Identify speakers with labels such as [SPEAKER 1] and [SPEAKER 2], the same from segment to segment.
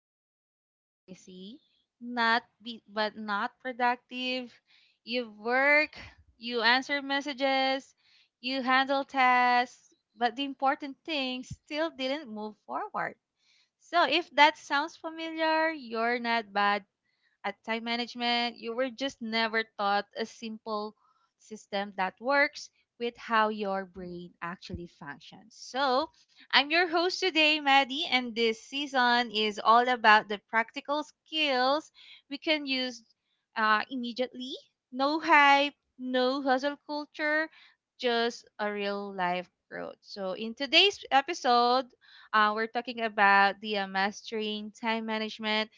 [SPEAKER 1] day feeling busy, not be, but not productive? You work, you answer messages, you handle tasks, but the important things still didn't move forward. So if that sounds familiar, you're not bad at time management, you were just never taught a simple system that works with how your brain actually functions. I'm your host today, Maddie, and this season is all about the practical skills we can use immediately. No hype, no hustle culture, just a real life growth. So, in today's episode, we're talking about the mastering time management,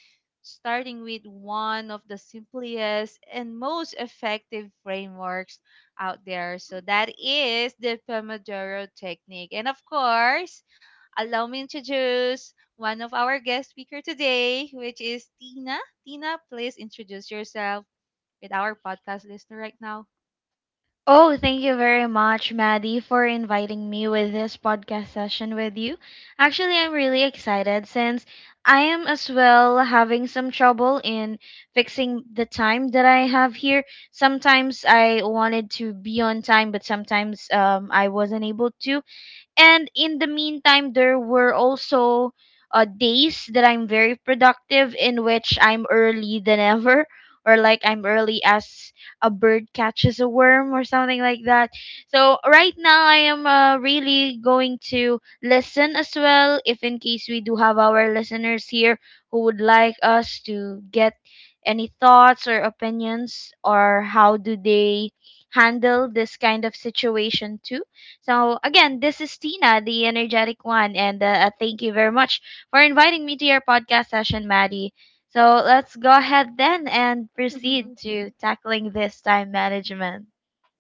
[SPEAKER 1] starting with one of the simplest and most effective frameworks out there. So that is the Pomodoro technique. And of course, allow me to introduce one of our guest speaker today, which is Tina. Tina, please introduce yourself with our podcast listener right now.
[SPEAKER 2] Oh, thank you very much, Maddie, for inviting me with this podcast session with you. Actually, I'm really excited since I am as well having some trouble in fixing the time that I have here. Sometimes I wanted to be on time, but sometimes I wasn't able to. And in the meantime, there were also days that I'm very productive in which I'm early than ever, or like I'm early as a bird catches a worm or something like that. So right now, I am really going to listen as well, if in case we do have our listeners here who would like us to get any thoughts or opinions or how do they handle this kind of situation too. So, again, this is Tina, the energetic one, and thank you very much for inviting me to your podcast session, Maddie. So, let's go ahead then and proceed to tackling this time management.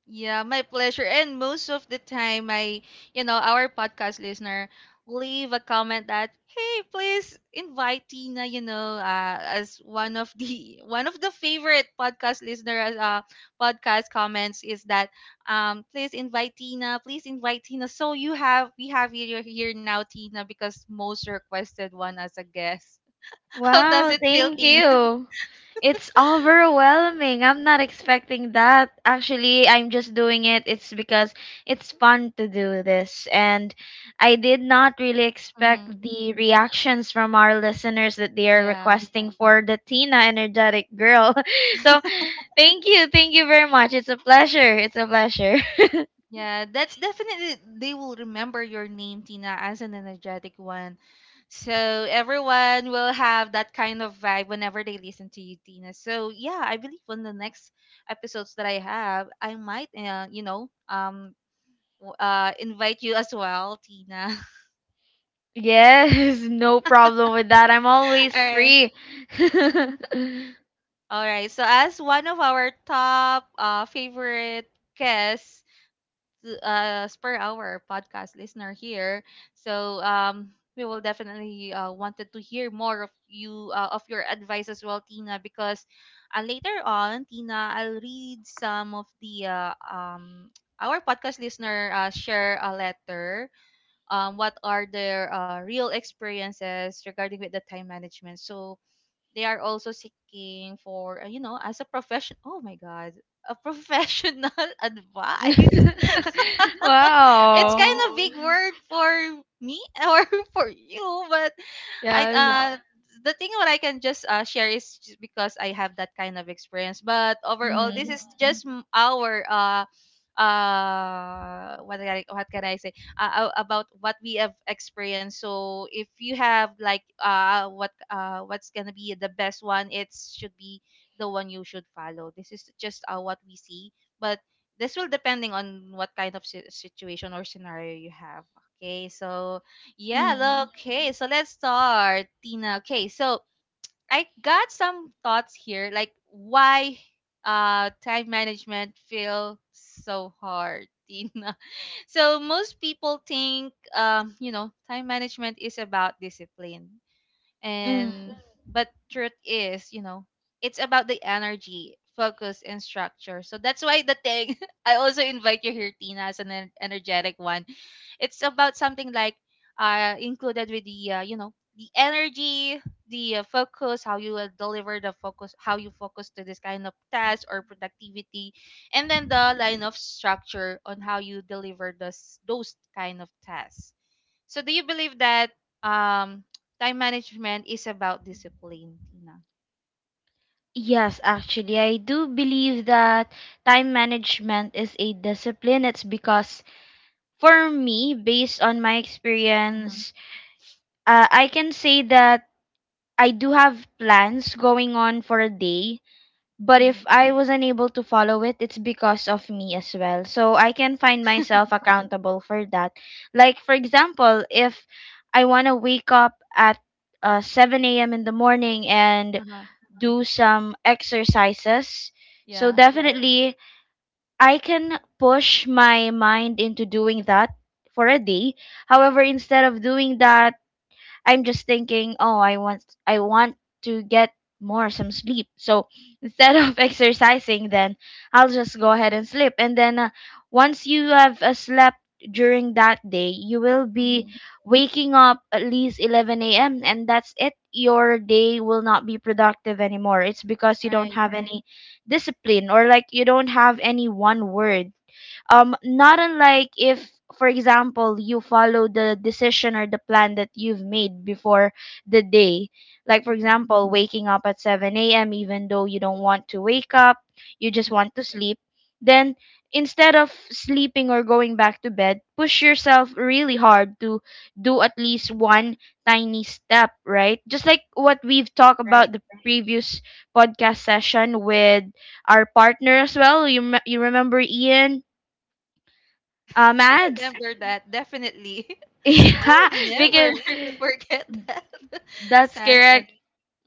[SPEAKER 1] Yeah, my pleasure. And most of the time, you know, our podcast listener leave a comment that, hey, please invite Tina, you know, as one of the one of the favorite podcast listener as podcast comments is that, please invite Tina, please invite Tina. So you have we have you here now, Tina, because most requested one as a guest. How does
[SPEAKER 2] Wow,
[SPEAKER 1] it feel,
[SPEAKER 2] thank
[SPEAKER 1] Yes. Tina?
[SPEAKER 2] you. It's overwhelming. I'm not expecting that. Actually, I'm just doing it. It's because it's fun to do this. And I did not really expect
[SPEAKER 1] Mm-hmm.
[SPEAKER 2] the reactions from our listeners that they are
[SPEAKER 1] Yeah.
[SPEAKER 2] requesting for the Tina Energetic Girl. So, thank you. Thank you very much. It's a pleasure. It's a pleasure.
[SPEAKER 1] Yeah, that's definitely they will remember your name, Tina, as an energetic one. So everyone will have that kind of vibe whenever they listen to you, Tina. So yeah, I believe on the next episodes that I have, I might, invite you as well, Tina.
[SPEAKER 2] Yes, no problem with that. I'm
[SPEAKER 1] All
[SPEAKER 2] always
[SPEAKER 1] right,
[SPEAKER 2] free.
[SPEAKER 1] all right. So as one of our top favorite guests, to, spur our podcast listener here. So we will definitely wanted to hear more of you of your advice as well, Tina, because later on, Tina, I'll read some of the our podcast listener share a letter. What are their real experiences regarding with the time management? So they are also seeking for you know as a profession. Oh my God, a professional advice. It's kind
[SPEAKER 2] Wow.
[SPEAKER 1] of Oh, big Oh, word for me or for you, but I yeah.
[SPEAKER 2] Yes.
[SPEAKER 1] The thing what I can just share is just because I have that kind of experience. But overall, this
[SPEAKER 2] Mm.
[SPEAKER 1] is just our what can I say about what we have experienced. So if you have like what's gonna be the best one, it should be the one you should follow. This is just what we see, but this will depending on what kind of situation or scenario you have. Okay, so yeah look,
[SPEAKER 2] Mm.
[SPEAKER 1] okay, so let's start, Tina. Okay, so I got some thoughts here, like why time management feel so hard, Tina. So most people think you know, time management is about discipline.
[SPEAKER 2] Mm.
[SPEAKER 1] And but truth is, you know, it's about the energy, focus, and structure. So that's why the thing I also invite you here, Tina, as an energetic one. It's about something like included with the you know, the energy, the focus, how you will deliver the focus, how you focus to this kind of task or productivity, and then the line of structure on how you deliver this those kind of tasks. So do you believe that um time management is about discipline, Tina?
[SPEAKER 2] Yes, actually, I do believe that time management is a discipline. It's because for me, based on my
[SPEAKER 1] Mm-hmm.
[SPEAKER 2] experience, I can say that I do have plans going on for a day, but
[SPEAKER 1] Mm-hmm.
[SPEAKER 2] if I was unable to follow it, it's because of me as well. So I can find myself accountable for that. Like, for example, if I want to wake up at 7 a.m. in the morning and
[SPEAKER 1] Uh-huh.
[SPEAKER 2] do some exercises, so
[SPEAKER 1] Yeah.
[SPEAKER 2] definitely I can push my mind into doing that for a day. However, instead of doing that, I'm just thinking, oh, I want to get more some sleep. So instead of exercising, then I'll just go ahead and sleep. And then once you have slept during that day, you will
[SPEAKER 1] Mm,
[SPEAKER 2] be
[SPEAKER 1] Mm-hmm.
[SPEAKER 2] waking up at least 11 a.m. and that's it. Your day will not be productive anymore. It's because you don't
[SPEAKER 1] Right.
[SPEAKER 2] have any discipline, or like you don't have any one word, not unlike if, for example, you follow the decision or the plan that you've made before the day. Like, for
[SPEAKER 1] Mm.
[SPEAKER 2] example, waking up at 7 a.m., even though you don't want to wake up, you just want to sleep. Then, instead of sleeping or going back to bed, push yourself really hard to do at least one tiny step, right? Just like what we've talked
[SPEAKER 1] Right.
[SPEAKER 2] about the previous podcast session with our partner as well. You remember Ian?
[SPEAKER 1] I
[SPEAKER 2] Maths.
[SPEAKER 1] remember that definitely. I
[SPEAKER 2] Yeah,
[SPEAKER 1] will never
[SPEAKER 2] because yes,
[SPEAKER 1] forget that
[SPEAKER 2] that's
[SPEAKER 1] session.
[SPEAKER 2] correct.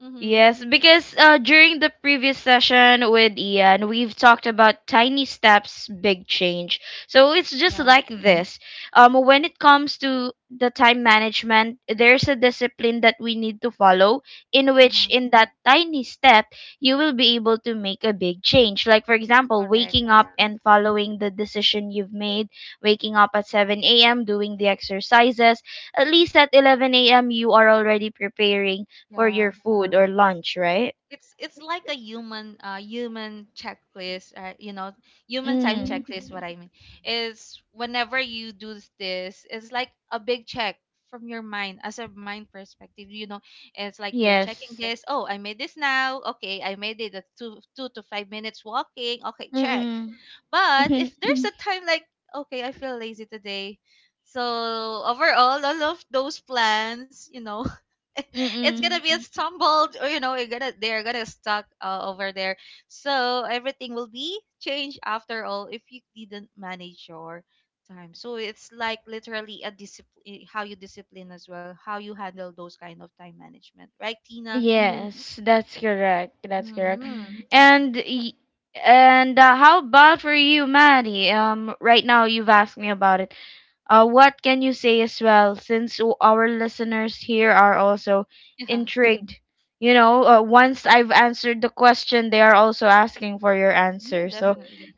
[SPEAKER 1] Mm-hmm.
[SPEAKER 2] Yes, because during the previous session with Ian, we've talked about tiny steps, big change. So it's just
[SPEAKER 1] Yeah.
[SPEAKER 2] like this. When it comes to the time management, there's a discipline that we need to follow, in which,
[SPEAKER 1] Mm-hmm.
[SPEAKER 2] in that tiny step, you will be able to make a big change. Like, for example,
[SPEAKER 1] Correct.
[SPEAKER 2] waking up and following the decision you've made, waking up at 7 a.m., doing the exercises. At least at 11 a.m., you are already preparing for
[SPEAKER 1] Yeah.
[SPEAKER 2] your food or lunch, right?
[SPEAKER 1] It's like a human human checklist, you know, human time
[SPEAKER 2] Mm.
[SPEAKER 1] checklist, what Mhm. I mean is whenever you do this it's like a big check from your mind, as a mind perspective, you know. It's like you're checking
[SPEAKER 2] Yes.
[SPEAKER 1] this, oh I made this now, okay I made it at two to five minutes walking, okay check.
[SPEAKER 2] Mm-mm.
[SPEAKER 1] But
[SPEAKER 2] Mm-mm.
[SPEAKER 1] if there's Mhm. a time like okay I feel lazy today, so overall all of those plans, you know, it's gonna
[SPEAKER 2] Mhm.
[SPEAKER 1] be a stumbled, or you know, you're gonna they're gonna stuck over there. So everything will be changed after all if you didn't manage your time. So it's like literally a discipline, how you discipline as well, how you handle those kind of time management, right Tina?
[SPEAKER 2] Yes, that's correct. That's correct.
[SPEAKER 1] Mm-hmm.
[SPEAKER 2] And y- and how about for you, Maddie? Right now you've asked me about it. What can you say as well, since our listeners here are also
[SPEAKER 1] Yeah.
[SPEAKER 2] intrigued? You know, once I've answered the question, they are also asking for your
[SPEAKER 1] Yeah,
[SPEAKER 2] answer. So,
[SPEAKER 1] definitely.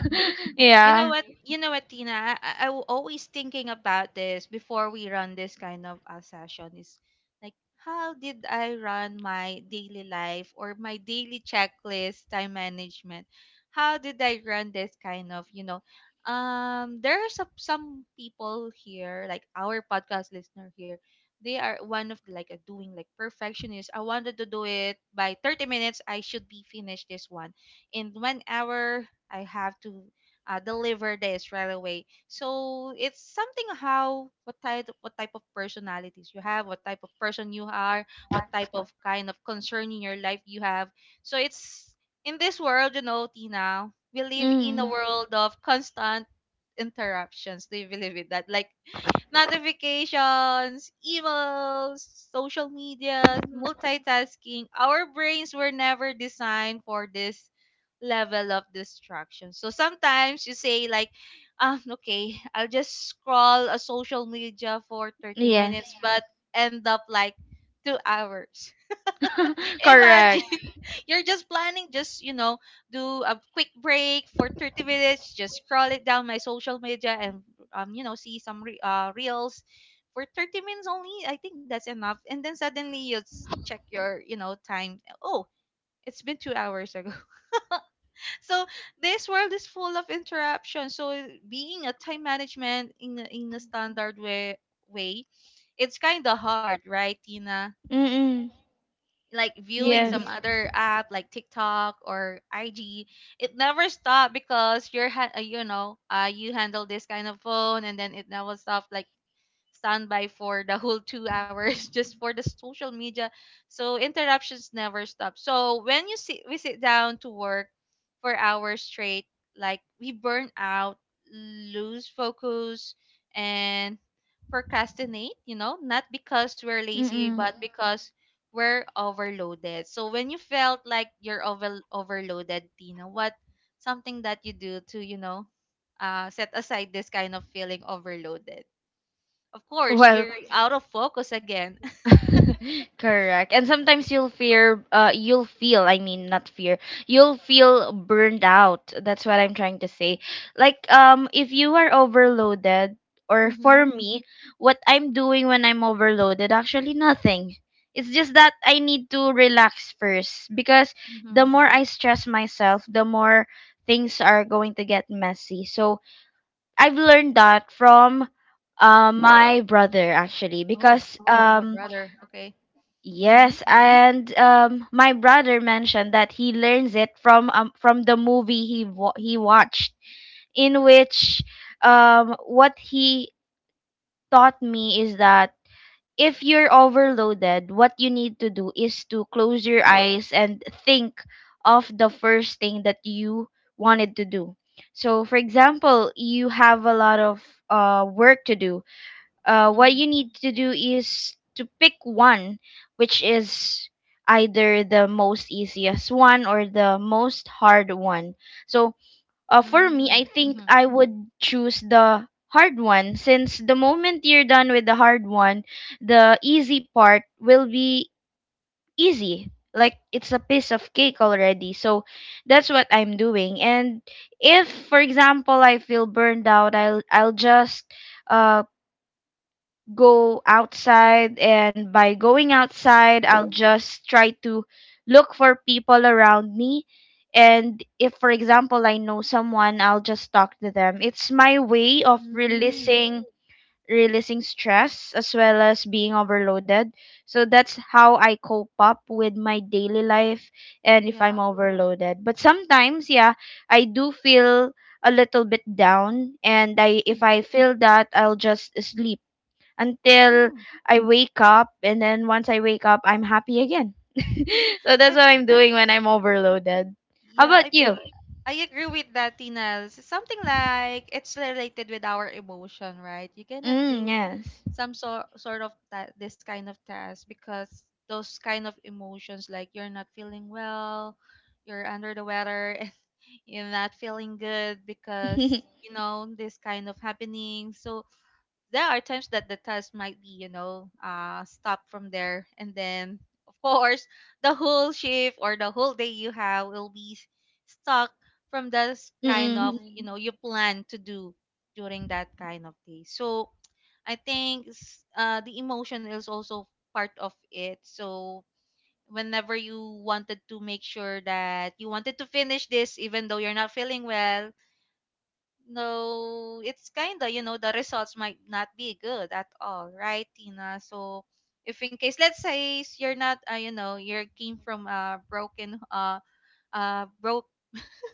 [SPEAKER 1] Mm-hmm. You know
[SPEAKER 2] yeah.
[SPEAKER 1] what? You know what, Tina? I always thinking about this before we run this kind of a session is like, how did I run my daily life or my daily checklist, time management? How did I run this kind of, you know, there are some people here, like our podcast listener here. They are one of the, like a doing like perfectionist. I wanted to do it by 30 minutes. I should be finished this one in 1 hour, I have to deliver this right away. So it's something how what type of personalities you have, what type of person you are, what type of kind of concern in your life you have. So it's in this world, you know, Tina, we live in a
[SPEAKER 2] Mm.
[SPEAKER 1] world of constant interruptions. Do you believe in that? Like notifications, emails, social media, multitasking. Our brains were never designed for this level of distraction. So sometimes you say like, okay, I'll just scroll a social media for 30
[SPEAKER 2] Yes.
[SPEAKER 1] minutes, but end up like 2 hours.
[SPEAKER 2] Correct.
[SPEAKER 1] Imagine you're just planning, just you know, do a quick break for 30 minutes, just scroll it down my social media and you know, see some reels for 30 minutes only. I think that's enough. And then suddenly you check your, you know, time. Oh, it's been 2 hours ago. So this world is full of interruptions, so being a time management in a standard way, it's kind of hard, right Tina?
[SPEAKER 2] Mm-mm.
[SPEAKER 1] Like viewing
[SPEAKER 2] Yes.
[SPEAKER 1] some Yeah.
[SPEAKER 2] Yes.
[SPEAKER 1] other app like TikTok or IG, it never stopped, because you're you know, you handle this kind of phone and then it never stopped, like standby for the whole 2 hours just for the social media. So interruptions never stop. So when you sit we sit down to work for hours straight, like we burn out, lose focus, and procrastinate, you know, not because we're lazy,
[SPEAKER 2] Mm-mm.
[SPEAKER 1] but because we're overloaded. So when you felt like you're overloaded, Tina, what something that you do to, you know, set aside this kind of feeling overloaded? Of course,
[SPEAKER 2] Well,
[SPEAKER 1] you're out of focus again.
[SPEAKER 2] correct. And sometimes you'll fear, you'll feel, I mean, not fear, you'll feel burned out. That's what I'm trying to say. Like, if you are overloaded, or
[SPEAKER 1] Mm-hmm.
[SPEAKER 2] for me, what I'm doing when I'm overloaded, actually nothing. It's just that I need to relax first because the
[SPEAKER 1] Mm-hmm.
[SPEAKER 2] more I stress myself, the more things are going to get messy. So, I've learned that from my brother actually
[SPEAKER 1] Oh,
[SPEAKER 2] because
[SPEAKER 1] you have a brother. Okay. Mm-hmm.
[SPEAKER 2] yes, and um, my brother mentioned that he learns it from the movie
[SPEAKER 1] Mm-hmm.
[SPEAKER 2] he watched, in which um, what he taught me is that if you're overloaded, what you need to do is to close your eyes and think of the first thing that you wanted to do. So, for example, you have a lot of work to do. What you
[SPEAKER 1] Mm-hmm.
[SPEAKER 2] need to do is to pick one, which is either the most easiest one or the most hard one. So, for me, I think
[SPEAKER 1] Mm-hmm.
[SPEAKER 2] I would choose the hard one since the moment you're done with the hard one, the easy part will be easy. Like it's a piece of cake already. So that's what I'm doing. And if for example I feel burned out, I'll just um, go outside, and by going outside I'll just try to look for people around me, and if for example I know someone I'll just talk to them. It's my way of
[SPEAKER 1] Mm-hmm.
[SPEAKER 2] releasing stress as well as being overloaded. So that's how I cope up with my daily life and if I'm
[SPEAKER 1] Yeah.
[SPEAKER 2] overloaded. But sometimes yeah, I do feel a little bit down, and I if
[SPEAKER 1] Mm-hmm.
[SPEAKER 2] I feel that I'll just sleep until I wake up. And then once I wake up, I'm happy again. So
[SPEAKER 1] I,
[SPEAKER 2] that's what I'm doing when I'm overloaded. How
[SPEAKER 1] yeah,
[SPEAKER 2] about you?
[SPEAKER 1] I agree with that, Tina. Something like it's related with our emotion, right? You cannot
[SPEAKER 2] Mm,
[SPEAKER 1] do
[SPEAKER 2] yes.
[SPEAKER 1] some sort sort of that this kind of task because those kind of emotions, like you're not feeling well, you're under the weather, you're not feeling good because you know this kind of happening. So there are times that the task might be you know stop from there, and then of course the whole shift or the whole day you have will be stuck from this kind of Mhm.
[SPEAKER 2] Mm-mm.
[SPEAKER 1] you know you plan to do during that kind of day. So I think the emotion is also part of it. So whenever you wanted to make sure that you wanted to finish this even though you're not feeling well, no, it's kind of you know, the results might not be good at all, right Tina? So if in case let's say you're not you know, you're came from a broken broke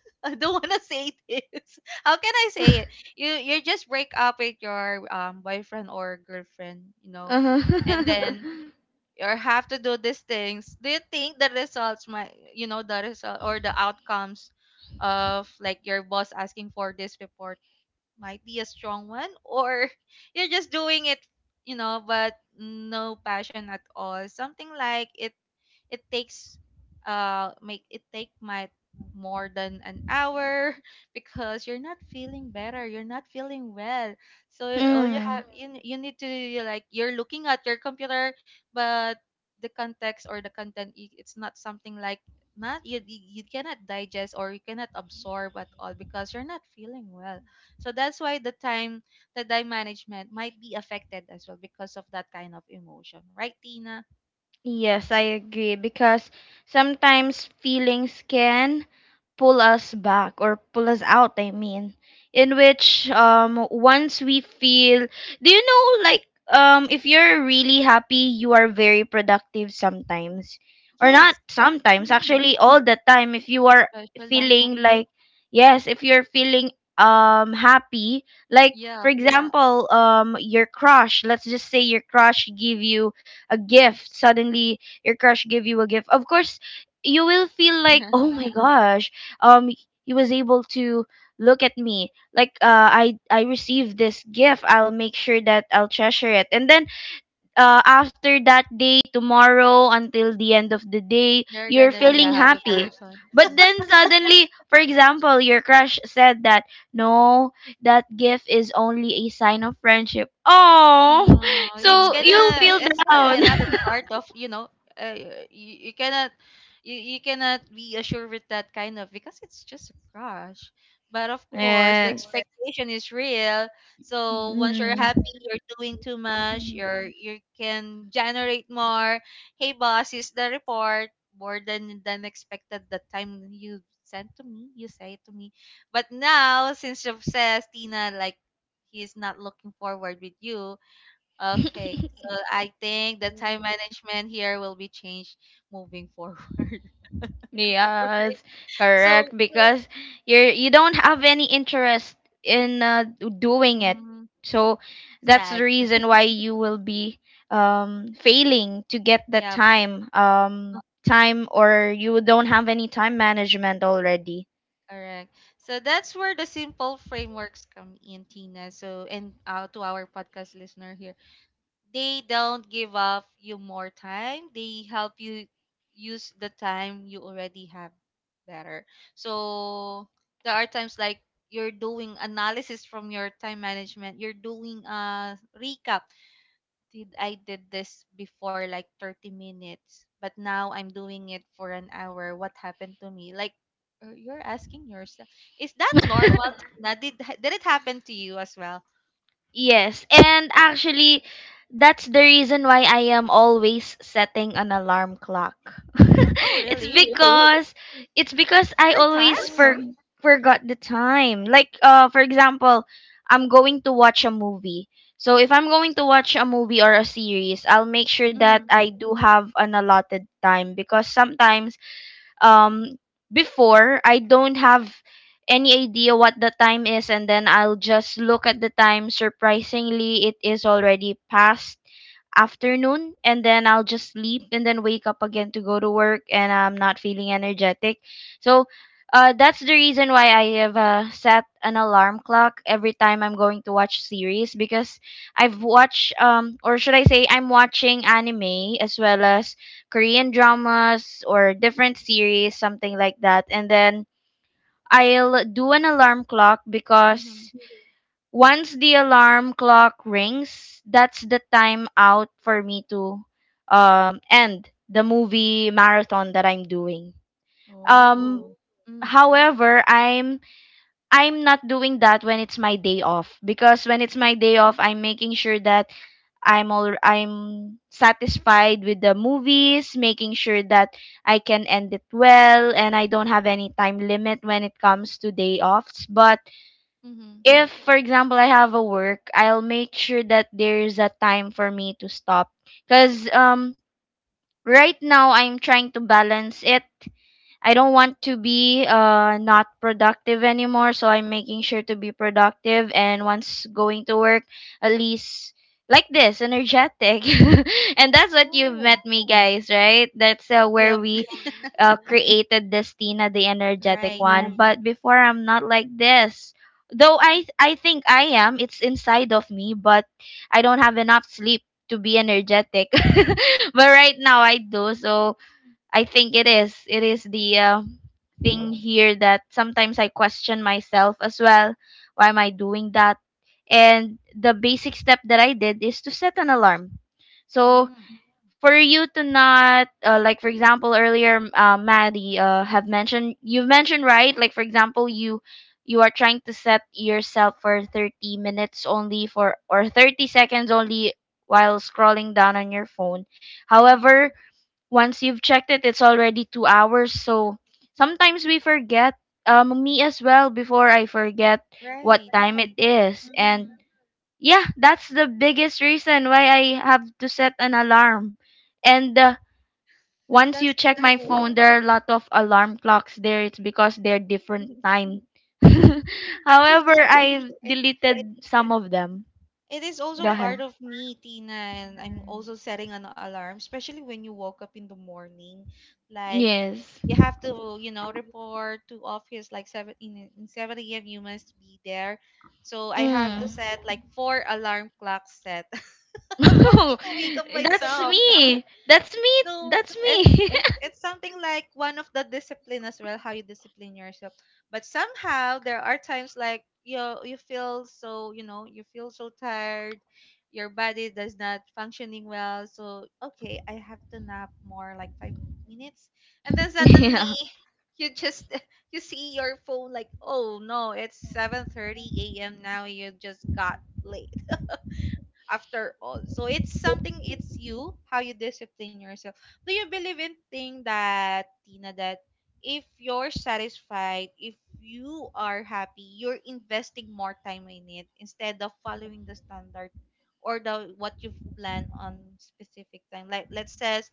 [SPEAKER 1] I don't want to say this. How can I say it? You just break up with your boyfriend or girlfriend, you know, and
[SPEAKER 2] Uh-huh.
[SPEAKER 1] then or have to do these things, do you think the results might, you know, the result or the outcomes of like your boss asking for this report might be a strong one, or you're just doing it you know but no passion at all, something like it. It takes make it take my more than an hour because you're not feeling better, you're not feeling well. So all you have,
[SPEAKER 2] Mm.
[SPEAKER 1] you need to, you like you're looking at your computer, but the context or the content it's not something like not you cannot digest or you cannot absorb at all because you're not feeling well. So that's why the time management might be affected as well because of that kind of emotion, right Tina?
[SPEAKER 2] Yes, I agree because sometimes feelings can pull us back or pull us out, I mean, in which um, once we feel, do you know, like um, if you're really happy you are very productive sometimes, or not
[SPEAKER 1] Yes.
[SPEAKER 2] sometimes, actually all the time, if you are
[SPEAKER 1] Especially,
[SPEAKER 2] feeling like, yes, if you're feeling um, happy, like, for
[SPEAKER 1] yeah,
[SPEAKER 2] example, um, your crush, let's just say your crush give you a gift, suddenly your crush give you a gift, of course you will feel like, oh my gosh, um, he was able to look at me, like, uh, I received this gift, I'll make sure that I'll treasure it. And then uh, after that day, tomorrow until the end of the day,
[SPEAKER 1] you're
[SPEAKER 2] you're
[SPEAKER 1] gonna be a
[SPEAKER 2] feeling
[SPEAKER 1] happy
[SPEAKER 2] happy.
[SPEAKER 1] person.
[SPEAKER 2] But then suddenly, for example, your crush said that no, that gift is only a sign of friendship. Oh.
[SPEAKER 1] Oh, it's
[SPEAKER 2] So you'll
[SPEAKER 1] gonna
[SPEAKER 2] feel
[SPEAKER 1] be
[SPEAKER 2] down.
[SPEAKER 1] another part of uh, you, you cannot you, you cannot be assured with that kind of, because it's just a crush. But of course the
[SPEAKER 2] Yes.
[SPEAKER 1] expectation is real. So once you're
[SPEAKER 2] Mhm.
[SPEAKER 1] happy, you're doing too much. You're you can generate more. Hey boss, is the report more than expected the time you sent to me, you say to me, but now since you've says Tina, like he's not looking forward with you. Okay, so I think the time management here will be changed moving forward.
[SPEAKER 2] Yes,
[SPEAKER 1] So,
[SPEAKER 2] correct. Because you don't have any interest in doing it,
[SPEAKER 1] mm,
[SPEAKER 2] so that's the
[SPEAKER 1] sad.
[SPEAKER 2] reason why you will be um, failing to get the
[SPEAKER 1] Yep,
[SPEAKER 2] time, or you don't have any time management already.
[SPEAKER 1] correct. So that's where the simple frameworks come in, Tina. So, and to our podcast listener here, they don't give up you more time. They help you use the time you already have better. So there are times like you're doing analysis from your time management. You're doing a recap. Did I did this before like 30 minutes, but now I'm doing it for an hour? What happened to me? Like you're asking yourself, is that normal? Tina? Did it happen to you as well?
[SPEAKER 2] Yes, and actually, that's the reason why I am always setting an alarm clock.
[SPEAKER 1] Oh,
[SPEAKER 2] It's
[SPEAKER 1] really?
[SPEAKER 2] because, I
[SPEAKER 1] For
[SPEAKER 2] always
[SPEAKER 1] tasks?
[SPEAKER 2] forgot the time. Like uh, for example, I'm going to watch a movie. So if I'm going to watch a movie or a series, I'll make sure that
[SPEAKER 1] Mhm.
[SPEAKER 2] I do have an allotted time, because sometimes um, before, I don't have any idea what the time is, and then I'll just look at the time, surprisingly it is already past afternoon, and then I'll just sleep and then wake up again to go to work and I'm not feeling energetic. So that's the reason why I have set an alarm clock every time I'm going to watch series, because I've watched um, or should I say I'm watching anime as well as Korean dramas or different series something like that, and then I'll do an alarm clock, because
[SPEAKER 1] Mhm.
[SPEAKER 2] once the alarm clock rings, that's the time out for me to end the movie marathon that I'm doing. Um,
[SPEAKER 1] Oh. Mm.
[SPEAKER 2] however, I'm not doing that when it's my day off, because when it's my day off I'm making sure that I'm satisfied with the movies, making sure that I can end it well and I don't have any time limit when it comes to day offs. But
[SPEAKER 1] Mhm.
[SPEAKER 2] if for example I have a work, I'll make sure that there's a time for me to stop, because um, right now I'm trying to balance it. I don't want to be uh, not productive anymore, so I'm making sure to be productive and once going to work, at least like this, energetic. And that's what you've
[SPEAKER 1] Oh.
[SPEAKER 2] met me guys, right? That's where
[SPEAKER 1] Yep.
[SPEAKER 2] we created this Tina, the energetic
[SPEAKER 1] Right.
[SPEAKER 2] one. But before, I'm not like this. Though I think I am. It's inside of me, but I don't have enough sleep to be energetic. But right now I do. So I think it is. It is the thing here that sometimes I question myself as well. Why am I doing that? And the basic step that I did is to set an alarm. So
[SPEAKER 1] Mm.
[SPEAKER 2] for you to not like for example earlier Maddie have mentioned, you mentioned, right? Like for example, you are trying to set yourself for 30 minutes only for or 30 seconds only while scrolling down on your phone.
[SPEAKER 1] Mhm.
[SPEAKER 2] However, once you've checked it, it's already 2 hours. So sometimes we forget. Me as well, before I forget what
[SPEAKER 1] Right.
[SPEAKER 2] time it is. And
[SPEAKER 1] Mhm.
[SPEAKER 2] yeah, that's the biggest reason why I have to set an alarm. And once
[SPEAKER 1] That's
[SPEAKER 2] you check my
[SPEAKER 1] cool.
[SPEAKER 2] phone, there are a lot of alarm clocks there. It's because they're different time.
[SPEAKER 1] Actually,
[SPEAKER 2] However, I
[SPEAKER 1] it
[SPEAKER 2] deleted
[SPEAKER 1] it
[SPEAKER 2] some of them.
[SPEAKER 1] It is also
[SPEAKER 2] Go ahead.
[SPEAKER 1] part of me, Tina, and I'm also setting an alarm, especially when you woke up in the morning. Like
[SPEAKER 2] Yes.
[SPEAKER 1] you have to, you know, report to office like seven in seven AM, you must be there. So I have to
[SPEAKER 2] Mm.
[SPEAKER 1] set like four alarm clocks set, for me to wake up
[SPEAKER 2] that's
[SPEAKER 1] myself.
[SPEAKER 2] me that's me
[SPEAKER 1] No,
[SPEAKER 2] That's
[SPEAKER 1] it's
[SPEAKER 2] me.
[SPEAKER 1] it's something like one of the discipline as well, how you discipline yourself. But somehow there are times like you feel so, you know, you feel so tired, your body does not functioning well. So okay, I have to nap more like 5 minutes, and then suddenly
[SPEAKER 2] Yeah.
[SPEAKER 1] you just you see your phone like, oh no, it's 7:30 a.m. now. You just got late after all. So it's something, it's you how you discipline yourself. Do you believe in thing, that Tina, that if you're satisfied, if you are happy, you're investing more time in it instead of following the standard or the what you've planned on specific time. Like let's says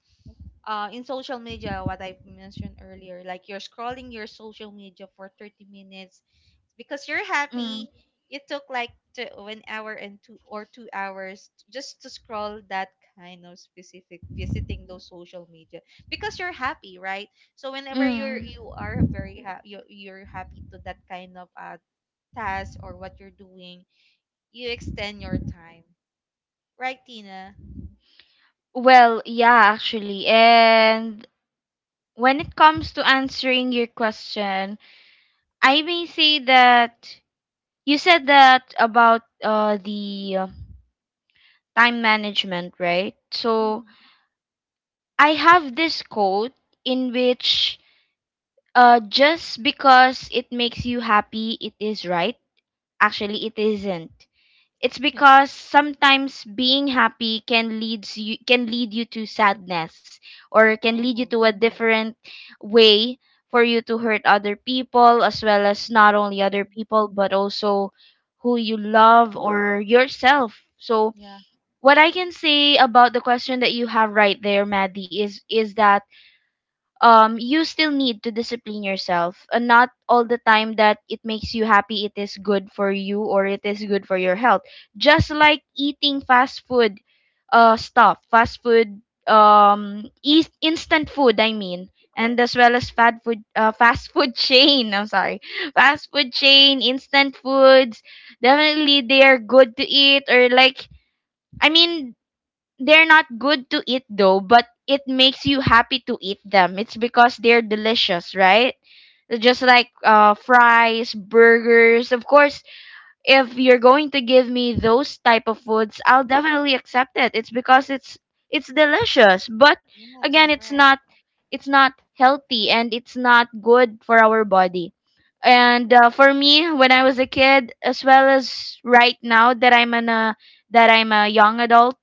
[SPEAKER 1] in social media, what I mentioned earlier, like you're scrolling your social media for 30 minutes because you're
[SPEAKER 2] Mm.
[SPEAKER 1] happy. It took like an hour and 2 or 2 hours just to scroll that kind of specific visiting those social media because you're happy, right? So whenever
[SPEAKER 2] Mm.
[SPEAKER 1] you are very happy, you're happy to that kind of task or what you're doing, you extend your time, right, Tina?
[SPEAKER 2] Well, yeah, actually. And when it comes to answering your question, I may say that you said that about the time management, right? So
[SPEAKER 1] Hmm.
[SPEAKER 2] I have this quote in which, just because it makes you happy, it is right. Actually, it isn't. It's because sometimes being happy can lead you to sadness, or can lead you
[SPEAKER 1] Oh,
[SPEAKER 2] to a different way for you to hurt other people, as well as not only other
[SPEAKER 1] mm-mm.
[SPEAKER 2] people but also who you love, or yourself. So
[SPEAKER 1] yeah,
[SPEAKER 2] what I can say about the question that you have right there, Maddie, is that, you still need to discipline yourself. And not all the time that it makes you happy, it is good for you or it is good for your health. Just like eating fast food stuff, fast food, eas- instant food, I mean, and as well as fast food, chain. I'm sorry, fast food chain, instant foods. Definitely, they are good to eat or like. I mean, they're not good to eat though, but it makes you happy to eat them. It's because they're delicious, right? Just like fries, burgers. Of course, if you're going to give me those type of foods, I'll definitely accept it. It's because it's delicious. But
[SPEAKER 1] yeah,
[SPEAKER 2] again,
[SPEAKER 1] that's right.
[SPEAKER 2] it's not healthy and it's not good for our body. And for me, when I was a kid, as well as right now that that I'm a young adult,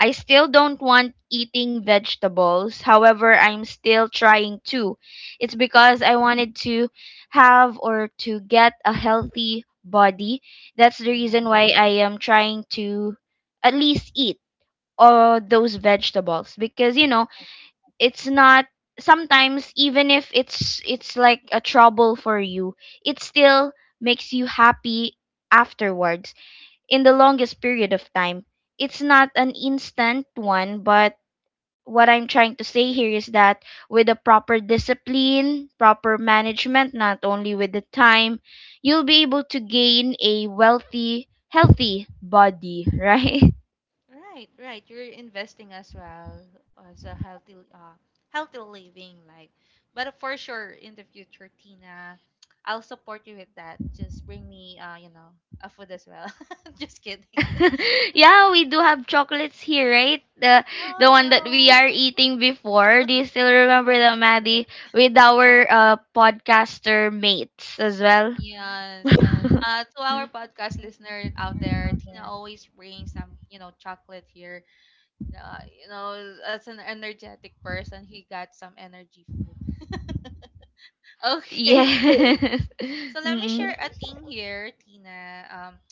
[SPEAKER 2] I still don't want eating vegetables. However, I'm still trying to. It's because I wanted to have or to get a healthy body. That's the
[SPEAKER 1] Yeah.
[SPEAKER 2] reason why I am trying to at least eat all those vegetables, because you know, it's not, sometimes, even if it's like a trouble for you, it still makes you happy afterwards, in the longest period of time. It's not an instant one, but what I'm trying to say here is that with the proper discipline, proper management, not only with the time, you'll be able to gain a wealthy, healthy body, right?
[SPEAKER 1] Right, right. You're investing as well as a healthy, healthy living life. But for sure, in the future, Tina, I'll support you with that. Just bring me, you know, a food as well. Just kidding.
[SPEAKER 2] Yeah, we do have chocolates here, right? The one that
[SPEAKER 1] Oh
[SPEAKER 2] we are eating
[SPEAKER 1] no,
[SPEAKER 2] before. Do you still
[SPEAKER 1] too much
[SPEAKER 2] remember that,
[SPEAKER 1] food.
[SPEAKER 2] Maddie? With our podcaster mates as well.
[SPEAKER 1] Yes. To our podcast listener out there, Tina always brings some, you know, chocolate here. You know, as an energetic person, he got some energy food. Okay.
[SPEAKER 2] Yes.
[SPEAKER 1] So let me
[SPEAKER 2] Mm-mm.
[SPEAKER 1] share a thing here, Tina.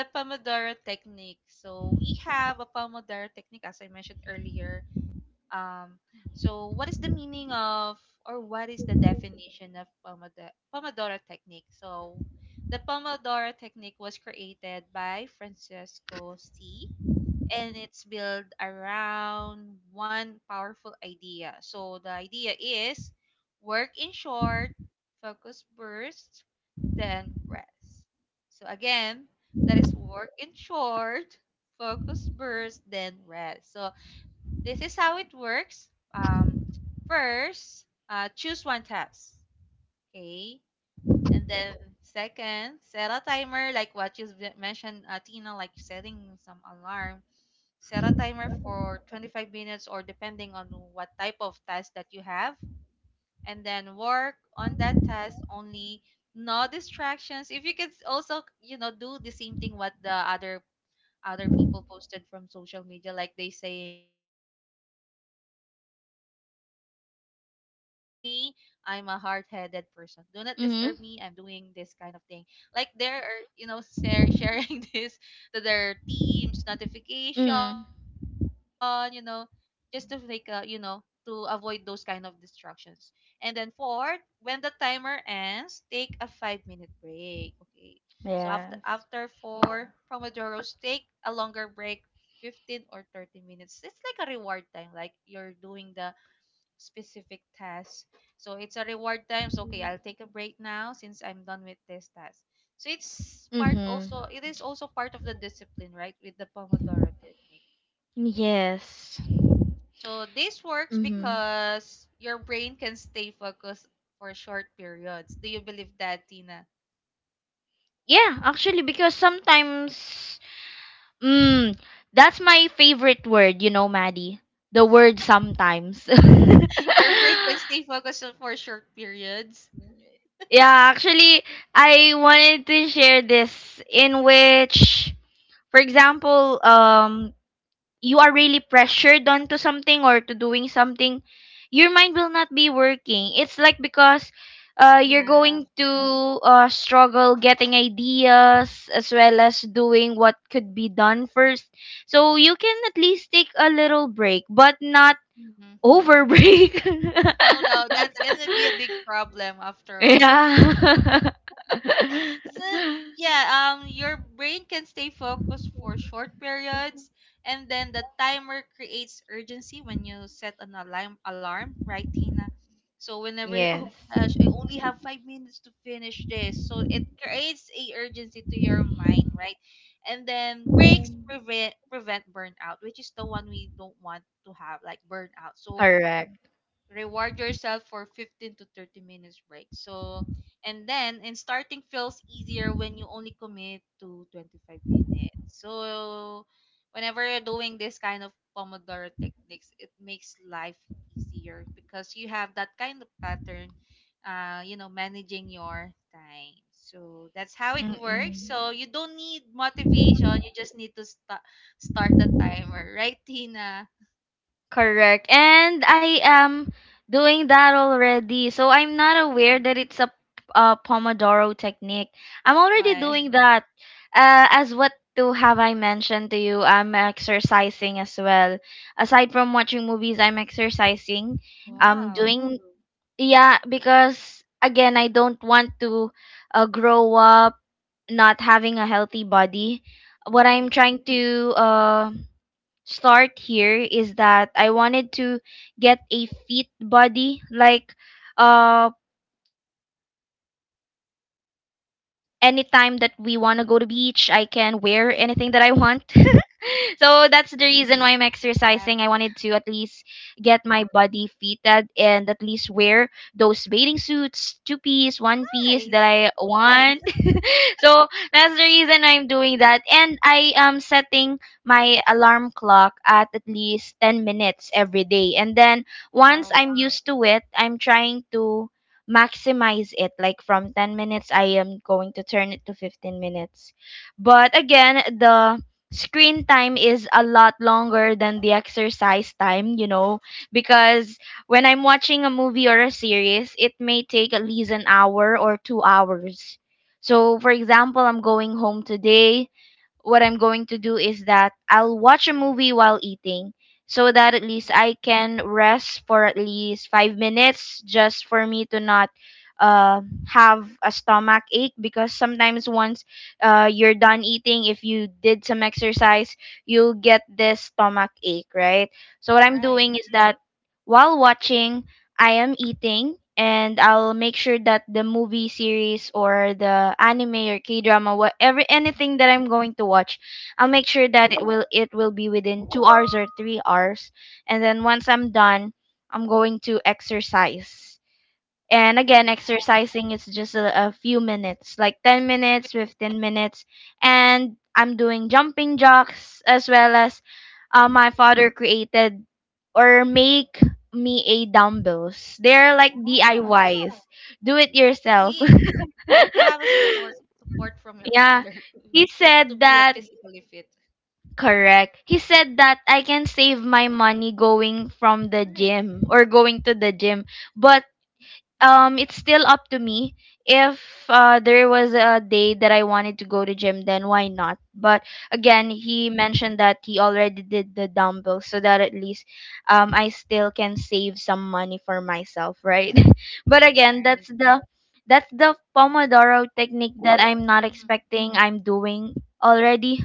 [SPEAKER 1] The Pomodoro technique. So we have a Pomodoro technique, as I mentioned earlier. Um, so what is the meaning of, or what is the definition of Pomodoro technique? So the Pomodoro technique was created by Francesco C, and it's built around one powerful idea. So the idea is work in short, focus burst, then rest. So again, that is work in short, focus burst, then rest. So this is how it works. Um, first, choose one task. Okay. And then second, set a timer, like what you mentioned, Tina, like setting some alarm. Set a timer for 25 minutes or depending on what type of task that you have, and then work on that task only. No distractions. If you could also, you know, do the same thing what the other people posted from social media, like they saying do not disturb me, I'm a hard-headed person, do not
[SPEAKER 2] Hmm.
[SPEAKER 1] disturb me, I'm doing this kind of thing, like they're, you know, sharing this to their teams notification, you know,
[SPEAKER 2] Mm.
[SPEAKER 1] just to like you know, to avoid those kind of distractions. And then fourth, when the timer ends, take a 5 minute break. Okay. So after
[SPEAKER 2] Yeah.
[SPEAKER 1] for Pomodoro, take a longer break, 15 or 30 minutes. It's like a reward time, like you're doing the specific task. So it's a reward time. So okay, I'll take a break now since I'm done with this task. So it's part
[SPEAKER 2] Mm-hmm.
[SPEAKER 1] also it is also part of the discipline, right? With the Pomodoro technique.
[SPEAKER 2] Yes.
[SPEAKER 1] So this works
[SPEAKER 2] Mm-hmm.
[SPEAKER 1] because your brain can stay focused for short periods. Do you believe that, Tina?
[SPEAKER 2] Yeah, actually, because sometimes, mm, that's my favorite word, you know, Maddie. The word sometimes.
[SPEAKER 1] Your brain can stay focused on for short periods.
[SPEAKER 2] Yeah, actually, I wanted to share this in which, for example, you are really pressured onto something or to doing something, your mind will not be working. It's like because
[SPEAKER 1] You
[SPEAKER 2] you're going
[SPEAKER 1] have.
[SPEAKER 2] to struggle getting ideas, as well as doing what could be done first. So you can at least take a little break, but not
[SPEAKER 1] Mhm.
[SPEAKER 2] over break.
[SPEAKER 1] Oh no, that's gonna be a big problem after all.
[SPEAKER 2] Yeah.
[SPEAKER 1] So yeah, your brain can stay focused for short periods, and then the timer creates urgency when you set an alarm, right, Tina? So whenever oh
[SPEAKER 2] Yes.
[SPEAKER 1] gosh, I only have 5 minutes to finish this, so it creates a urgency to your mind, right? And then breaks prevent burnout, which is the one we don't want to have, like burnout. So
[SPEAKER 2] Correct.
[SPEAKER 1] reward yourself for 15 to 30 minutes break. So, and starting feels easier when you only commit to 25 minutes. So, whenever you're doing this kind of Pomodoro techniques, it makes life easier because you have that kind of pattern, you know, managing your time. So, that's how it works.
[SPEAKER 2] Mm-mm.
[SPEAKER 1] So, you don't need motivation, you just need to start the timer, right, Tina?
[SPEAKER 2] Correct. And I am doing that already. So I'm not
[SPEAKER 1] Mm.
[SPEAKER 2] aware that it's a, Pomodoro technique. I'm already
[SPEAKER 1] Why?
[SPEAKER 2] doing that. As what to have I mentioned to you, I'm exercising as well. Aside from watching movies, I'm exercising. I'm
[SPEAKER 1] Wow.
[SPEAKER 2] doing, yeah, because again, I don't want to grow up not having a healthy body. What I'm
[SPEAKER 1] Right.
[SPEAKER 2] trying to start here is that I wanted to get a fit body. Like, uh, anytime that we want to go to beach, I can wear anything that I want.
[SPEAKER 1] Mhm.
[SPEAKER 2] So that's
[SPEAKER 1] Mhm.
[SPEAKER 2] the reason why I'm exercising. I wanted to at least
[SPEAKER 1] Wow.
[SPEAKER 2] get my body fitted and at least wear those bathing suits, two piece, one piece, that I
[SPEAKER 1] Nice.
[SPEAKER 2] want. So that's the reason I'm doing that. And I am setting my alarm clock at least 10 minutes every day. And then once
[SPEAKER 1] Wow.
[SPEAKER 2] I'm used to it, I'm trying to maximize it. Like from 10 minutes, I am going to turn it to 15 minutes. But again, the screen time is a lot longer than the exercise time, you know, because when I'm watching a movie or a series, it may take at least an hour or 2 hours. So, for example, I'm going home today. What I'm going to do is that I'll watch a movie while eating, so that at least
[SPEAKER 1] Mhm.
[SPEAKER 2] I can rest for at least 5 minutes, just for me to not have a stomach ache, because sometimes, once you're done eating, if you did some exercise, you'll get this stomach ache, right? So what I'm
[SPEAKER 1] Right.
[SPEAKER 2] doing is that while watching, I am eating, and I'll make sure that the movie series or the anime or K drama, whatever anything
[SPEAKER 1] Mhm.
[SPEAKER 2] that I'm going to watch, I'll make sure that it will be within 2 hours or 3 hours. And then once I'm done, I'm going to exercise. And
[SPEAKER 1] Wow.
[SPEAKER 2] again,
[SPEAKER 1] Nice.
[SPEAKER 2] exercising is just a few minutes, like 10 minutes, 15 minutes. And I'm doing jumping jacks as well as my father created or make me a dumbbells. They're like
[SPEAKER 1] Wow.
[SPEAKER 2] DIYs. Do it
[SPEAKER 1] At
[SPEAKER 2] yourself.
[SPEAKER 1] least you have a support from your
[SPEAKER 2] Yeah.
[SPEAKER 1] father to
[SPEAKER 2] He
[SPEAKER 1] to
[SPEAKER 2] said
[SPEAKER 1] be a
[SPEAKER 2] that,
[SPEAKER 1] physically fit.
[SPEAKER 2] correct. He said that I can save my money going from the
[SPEAKER 1] Right.
[SPEAKER 2] gym or going to the gym. But um,
[SPEAKER 1] Mhm.
[SPEAKER 2] it's still up to me if there was a day that I wanted to go to gym, then why not? But again,
[SPEAKER 1] Mhm.
[SPEAKER 2] he mentioned that he already did the dumbbells, so that at least I still can save some money for myself, right? But again,
[SPEAKER 1] Right.
[SPEAKER 2] that's the Pomodoro technique that I'm not
[SPEAKER 1] Mhm.
[SPEAKER 2] expecting I'm doing already.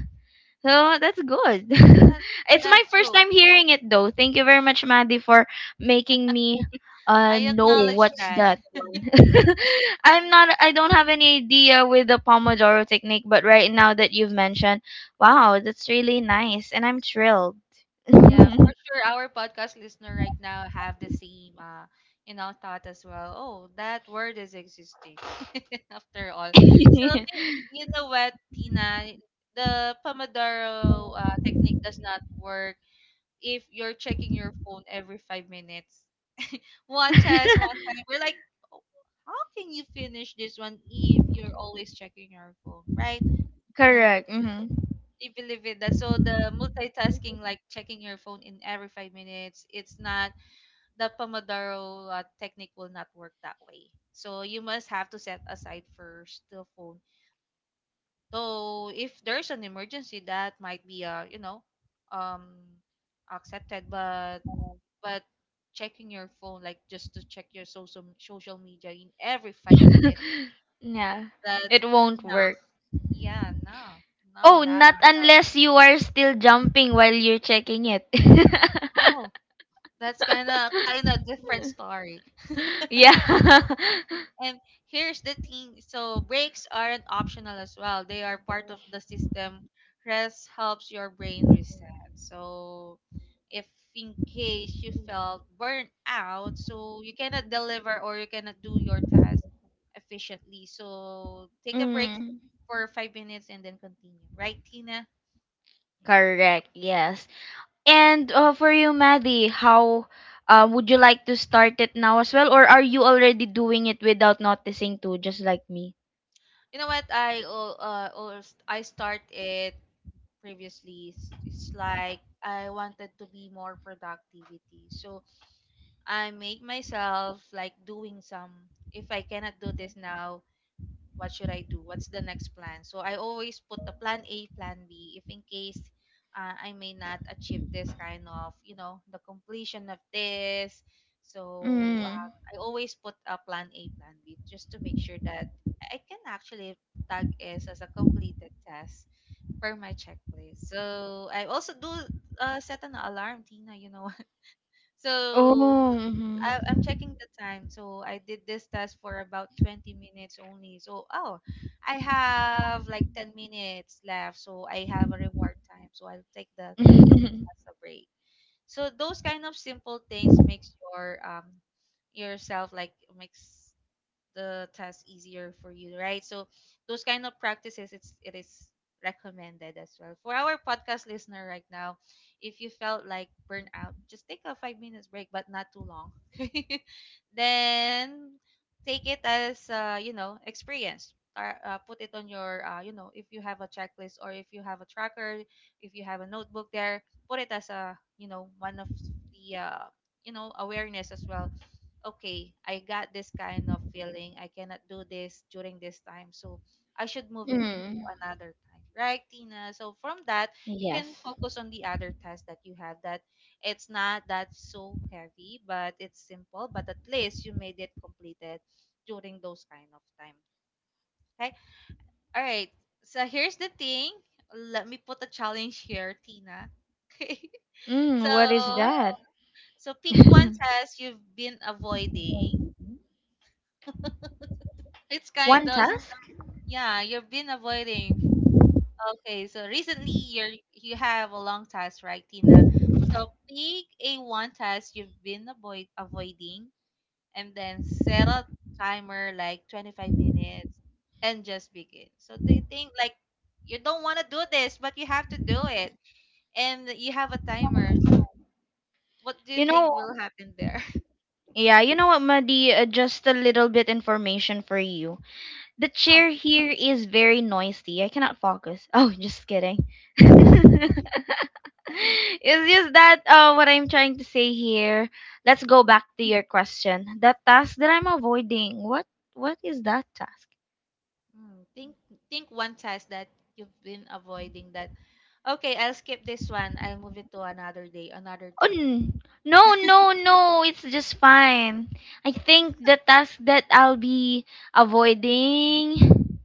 [SPEAKER 2] So that's good.
[SPEAKER 1] That's
[SPEAKER 2] It's my
[SPEAKER 1] that's
[SPEAKER 2] first
[SPEAKER 1] true.
[SPEAKER 2] time hearing it though. Thank you very much, Maddie, for making me
[SPEAKER 1] I
[SPEAKER 2] know
[SPEAKER 1] acknowledge
[SPEAKER 2] what's
[SPEAKER 1] that.
[SPEAKER 2] that one. I don't have any idea with the Pomodoro technique, but right now that you've mentioned, wow, that's really nice and I'm thrilled.
[SPEAKER 1] Yeah, for sure. Our podcast listener right now have the same, you know, thought as well. Oh, that word is existing after all. So you know what, Tina, the Pomodoro technique does not work if you're checking your phone every 5 minutes. One test, one time. We're like, "Oh, how can you finish this one if you're always checking your phone, right, Tina?
[SPEAKER 2] Correct. Hmm.
[SPEAKER 1] You believe it, that so the multitasking like checking your phone in every 5 minutes, it's not the Pomodoro technique will not work that way. So you must have to set aside first the phone. So if there's an emergency that might be, uh, you know, um, accepted, but but checking your phone like just to check your social media in every five minutes
[SPEAKER 2] Yeah.
[SPEAKER 1] that's
[SPEAKER 2] It won't
[SPEAKER 1] no,
[SPEAKER 2] work.
[SPEAKER 1] yeah, no,
[SPEAKER 2] Oh,
[SPEAKER 1] not at
[SPEAKER 2] not
[SPEAKER 1] all.
[SPEAKER 2] unless you are still jumping while you're checking it.
[SPEAKER 1] Oh, that's kind of different story.
[SPEAKER 2] Yeah.
[SPEAKER 1] And here's the thing. So breaks aren't optional as well. They are part of the system. Rest helps your brain reset. So if in case you felt burnt out, so you cannot deliver or you cannot do your task efficiently. So take a break
[SPEAKER 2] Mm,
[SPEAKER 1] for 5 minutes and then continue. Right, Tina?
[SPEAKER 2] correct, yes. And for you, Maddie, how would you like to start it now as well? Or are you already doing it without noticing too, just like me?
[SPEAKER 1] You know what? I start it previously. It's like I wanted to be more productivity. So I make myself like doing some. If I cannot do this now, what should I do? What's the next plan? So I always put a plan A, plan B, if in case I may not achieve this kind of, you know, the completion of this. So
[SPEAKER 2] Mm.
[SPEAKER 1] I always put a plan A, plan B, just to make sure that I can actually tag is as a completed task per my checklist. So I also do, set an alarm, Tina. You know, so
[SPEAKER 2] Oh, hmm.
[SPEAKER 1] I'm checking the time. So I did this test for about 20 minutes only. So, oh, I have like 10 minutes left. So I have a reward time. So I'll take the 10 minutes as a break. So those kind of simple things makes your yourself like makes the task easier for you, right? So those kind of practices, it is recommended as well. For our podcast listener right now, if you felt like burnout, just take a 5 minutes break, but not too long. Then take it as, you know, experience. Or, put it on your, you know, if you have a checklist or if you have a tracker, if you have a notebook there, put it as a, you know, one of the, you know, awareness as well. Okay, I got this kind of feeling. I cannot do this during this time. So I should move it into
[SPEAKER 2] Mm.
[SPEAKER 1] another time. Right, Tina? So from that, you can
[SPEAKER 2] Yes.
[SPEAKER 1] focus on the other task that you have that it's not that so heavy, but it's simple, but at least you made it completed during those kind of time. Okay? All right. So here's the thing. Let me put a challenge here, Tina. Okay.
[SPEAKER 2] Mm, what is
[SPEAKER 1] So
[SPEAKER 2] that?
[SPEAKER 1] so pick one task you've been avoiding, it's kind
[SPEAKER 2] One
[SPEAKER 1] of.
[SPEAKER 2] task?
[SPEAKER 1] Yeah, you've been avoiding. Okay, so recently you have a long task, right, Tina? So pick a one task you've been avoiding and then set a timer like 25 minutes and just begin. So do you think like you don't want to do this, but you have to do it and you have a timer. What do you
[SPEAKER 2] You
[SPEAKER 1] think
[SPEAKER 2] know,
[SPEAKER 1] will happen there?
[SPEAKER 2] yeah, you know what, Madi? Just a little bit information for you. The
[SPEAKER 1] Oh.
[SPEAKER 2] chair here is very noisy. I cannot focus. Oh, just kidding. It's just that what I'm trying to say here. Let's go
[SPEAKER 1] Hmm.
[SPEAKER 2] back to your question. That task that I'm avoiding. What is that task?
[SPEAKER 1] Think think one task that you've been avoiding that, okay, I'll skip this one. I'll move it to another day, another
[SPEAKER 2] Oh,
[SPEAKER 1] time.
[SPEAKER 2] n- no, no, no! It's just fine. I think the task that I'll be avoiding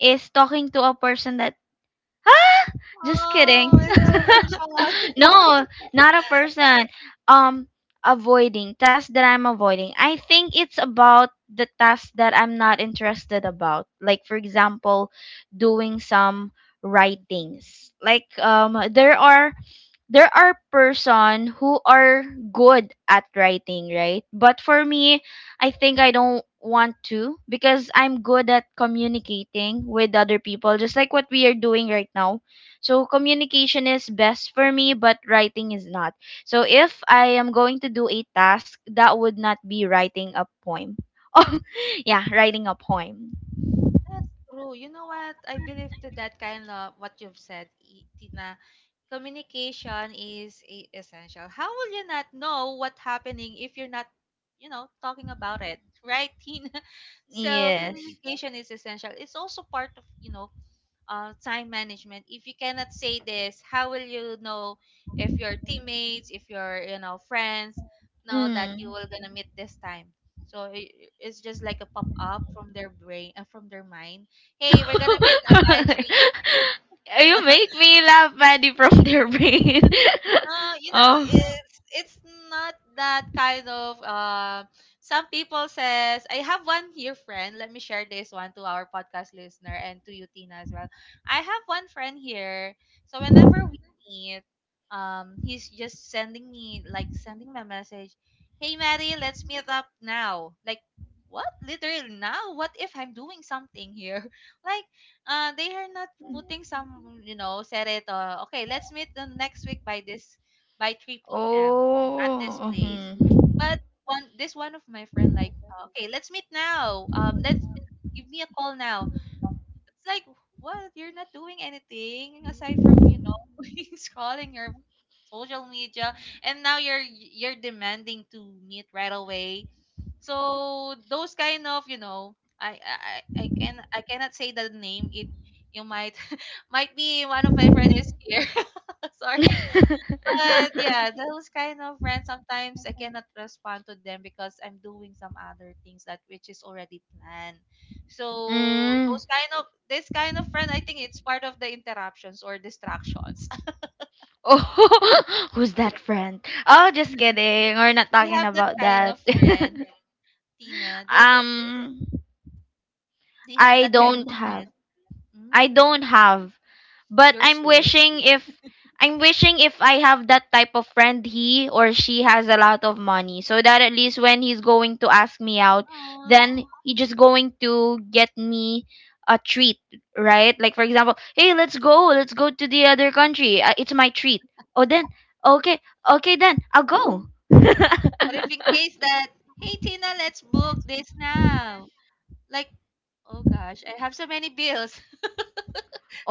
[SPEAKER 2] is talking to a person that just kidding.
[SPEAKER 1] Oh, it's a person.
[SPEAKER 2] No, not a person. Um, Avoiding tasks that I'm avoiding. I think it's about the tasks that I'm not interested about. Like for example, doing some
[SPEAKER 1] Mhm,
[SPEAKER 2] writings. Like there are person who are good at writing, right? But for me, I think I don't want to, because I'm good at communicating with other people, just like what we are doing right now. So communication is
[SPEAKER 1] mhm.
[SPEAKER 2] best for me, but writing is not. So if I am going to do a task, that would not be writing a poem. Oh yeah, writing a poem.
[SPEAKER 1] That's true. You know what? I believe to that kind of what you've said, Tina. Communication is essential. How will you not know what happening if you're not, you know, talking about it, right, Tina? So
[SPEAKER 2] Yes.
[SPEAKER 1] communication is essential. It's also part of, you know, time management. If you cannot say this, how will you know if your teammates, if your, you know, friends know that you will gonna meet this time? So it's just like a pop up from their brain, from their mind. Hey, we're gonna meet by three
[SPEAKER 2] You make me laugh, Maddie, from their brain.
[SPEAKER 1] You know,
[SPEAKER 2] Oh.
[SPEAKER 1] it's not that kind of, some people says. I have one here friend. Let me share this one to our podcast listener and to you, Tina, as well. I have one friend here. So whenever we meet, he's just sending me a message. Hey Mary, let's meet up now. Like, what? Literally now? What if I'm doing something here? Like, they are not putting some, you know, set it, okay, let's meet the next week by this, by 3 p.m. at this
[SPEAKER 2] Oh.
[SPEAKER 1] place.
[SPEAKER 2] Mhm.
[SPEAKER 1] But one of my friend like, "Oh, okay, let's meet now. Let's give me a call now." It's like, what, you're not doing anything aside from, you know, scrolling your social media, and now you're demanding to meet right away. So those kind of, you know, I I I I can, I cannot say the name. It, you might might be one of my friends is here. Sorry. But yeah, those kind of friends sometimes I cannot respond to them because I'm doing some other things that which is already planned. So
[SPEAKER 2] Mm.
[SPEAKER 1] those kind of this kind of friend, I think it's part of the interruptions or distractions.
[SPEAKER 2] Oh, who's that friend? Oh, just kidding. We're not
[SPEAKER 1] They
[SPEAKER 2] talking
[SPEAKER 1] have that
[SPEAKER 2] about
[SPEAKER 1] kind of
[SPEAKER 2] that.
[SPEAKER 1] friend, Tina. They that
[SPEAKER 2] um,
[SPEAKER 1] they have
[SPEAKER 2] I
[SPEAKER 1] that kind of
[SPEAKER 2] don't have.
[SPEAKER 1] friend.
[SPEAKER 2] I
[SPEAKER 1] Mm,
[SPEAKER 2] don't have, but
[SPEAKER 1] you're
[SPEAKER 2] I'm
[SPEAKER 1] she.
[SPEAKER 2] wishing if I'm wishing if I have that type of friend. He or she has a lot of money so that at least when he's going to ask me out,
[SPEAKER 1] Oh.
[SPEAKER 2] then he just going to get me a treat, right? Like for example, hey, let's go to the other country, it's my treat. Oh then, okay, okay then I'll go.
[SPEAKER 1] But if in case that, hey Tina, let's book this now. Like, oh gosh, I have so many bills.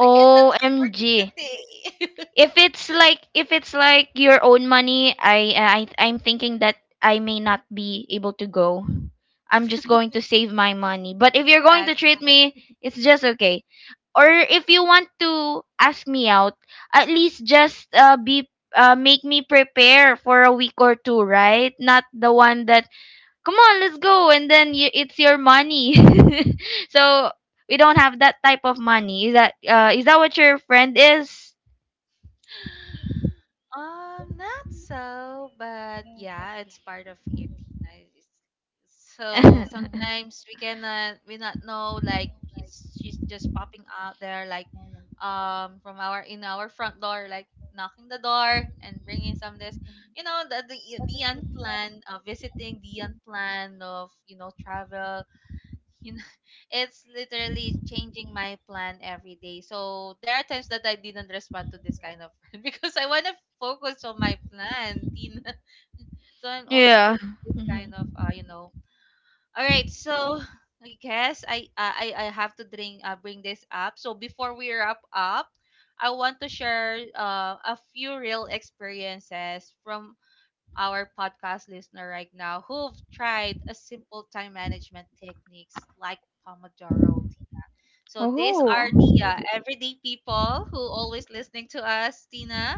[SPEAKER 1] I cannot afford it today.
[SPEAKER 2] if it's like your own money, I'm thinking that I may not be able to go. I'm just going to save my money, but if you're going to
[SPEAKER 1] Fast.
[SPEAKER 2] treat me, it's just okay. Or if you want to ask me out, at least just be, make me prepare for a week or two, right? Not the one that, come on, let's go, and then you, it's your money. So we don't have that type of money. Is that, is that what your friend is?
[SPEAKER 1] Not so, but yeah, it's part of it. It's- So sometimes we cannot, we not know, like she's just popping out there like, from our front door, like knocking the door and bringing some this, you know, the unplanned visiting, the unplanned of, you know, travel, you know. It's literally changing my plan every day. So there are times that I didn't respond to this kind of friend because I want to focus on my plan, Tina. So I'm also
[SPEAKER 2] Yeah.
[SPEAKER 1] doing this
[SPEAKER 2] Mhm.
[SPEAKER 1] kind of, you know. All right, so I guess I have to bring this up. So before we wrap up, I want to share a few real experiences from our podcast listener right now who've tried a simple time management techniques like Pomodoro. So these are
[SPEAKER 2] Oh.
[SPEAKER 1] the everyday people who always listening to us, Tina,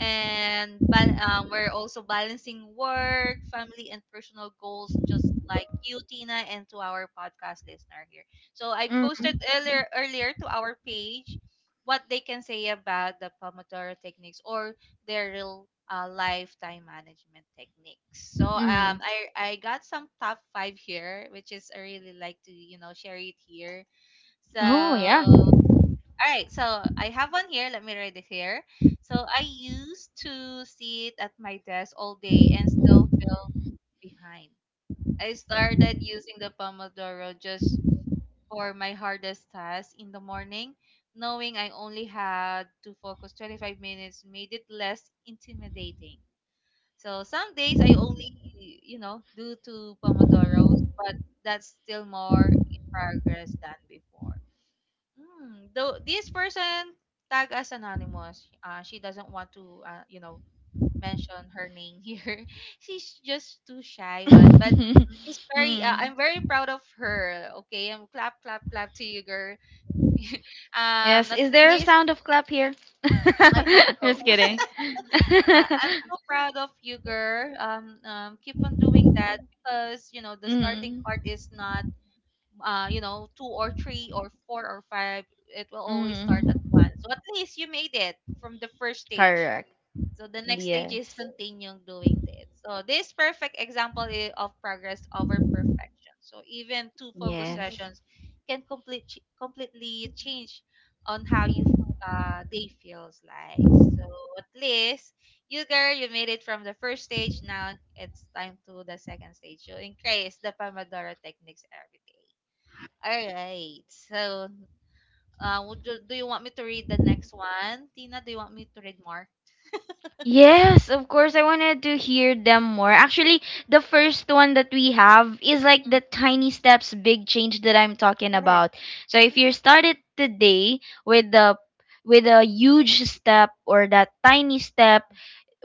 [SPEAKER 1] and but we're also balancing work, family, and personal goals, just like you, Tina, and to our podcast listener here. So I
[SPEAKER 2] Mm,
[SPEAKER 1] posted earlier to our page what they can say about the Pomodoro techniques or their real lifetime management techniques. So um,
[SPEAKER 2] mm.
[SPEAKER 1] I I got some top five here, which is I really like to, you know, share it here. So,
[SPEAKER 2] Oh, yeah.
[SPEAKER 1] all right. So I have one here. Let me read it here. So I used to sit at my desk all day and still feel behind. I started using the Pomodoro just for my hardest task in the morning. Knowing I only had to focus 25 minutes made it less intimidating. So some days I only, you know, do two Pomodoros, but that's still more in progress than before. Mm, though this person tag as anonymous, she doesn't want to, you know, mention her name here. She's just too shy one, but she's very.
[SPEAKER 2] Mm.
[SPEAKER 1] I'm very proud of her. Okay, I'm clap clap clap to you, girl. Um,
[SPEAKER 2] Yes.
[SPEAKER 1] at
[SPEAKER 2] Is there a
[SPEAKER 1] least
[SPEAKER 2] sound of clap here?
[SPEAKER 1] I hope so.
[SPEAKER 2] Just kidding.
[SPEAKER 1] I'm so proud of you, girl. Keep on doing that because you know the starting part
[SPEAKER 2] Mm.
[SPEAKER 1] is not, you know, two or three or four or five, it will always start at
[SPEAKER 2] Mm.
[SPEAKER 1] one. So at least you made it from the first stage.
[SPEAKER 2] Correct.
[SPEAKER 1] So the next stage is
[SPEAKER 2] Yes.
[SPEAKER 1] continuing doing it. So this perfect example of progress over perfection. So even two focus
[SPEAKER 2] Yes.
[SPEAKER 1] sessions can completely change on how you day feels like. So at least you girl, you made it from the first stage. Now it's time to the second stage. You increase the Pomodoro techniques every day. All right. So, do you want me to read the next one? Tina, do you want me to read more?
[SPEAKER 2] Yes, of course. I wanted to hear them more. Actually, the first one that we have is like
[SPEAKER 1] Mm,
[SPEAKER 2] the tiny steps, big change that I'm talking
[SPEAKER 1] correct.
[SPEAKER 2] about. So if you
[SPEAKER 1] Mhm.
[SPEAKER 2] started today with the with a huge step or that tiny step,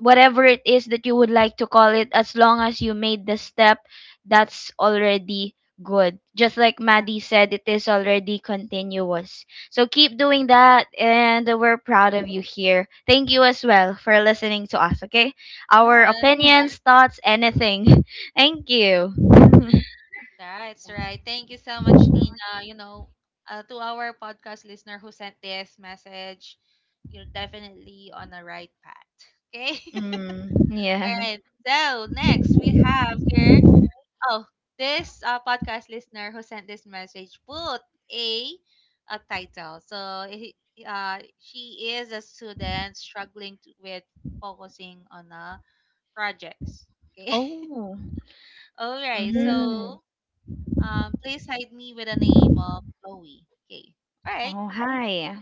[SPEAKER 2] whatever it is that you would like to call it, as long as you made the step, that's already good. Just like Maddie said, it is already continuous. So keep doing that, and we're proud of you here. Thank you as well for listening to us, okay? Our
[SPEAKER 1] Yeah. Yes,
[SPEAKER 2] opinions, thoughts, anything. Thank you.
[SPEAKER 1] that's right. Thank you so much, Tina. You know, to our podcast listener who sent this message, you're definitely on the right path. Okay.
[SPEAKER 2] Mm,
[SPEAKER 1] All
[SPEAKER 2] yeah.
[SPEAKER 1] right. So next we have here. Oh, this podcast listener who sent this message put a a title. So he, she is a student struggling to, with focusing on projects. Okay.
[SPEAKER 2] Oh.
[SPEAKER 1] All right.
[SPEAKER 2] Mm.
[SPEAKER 1] So please hide me with the name of Chloe. Okay. All right.
[SPEAKER 2] Oh, hi.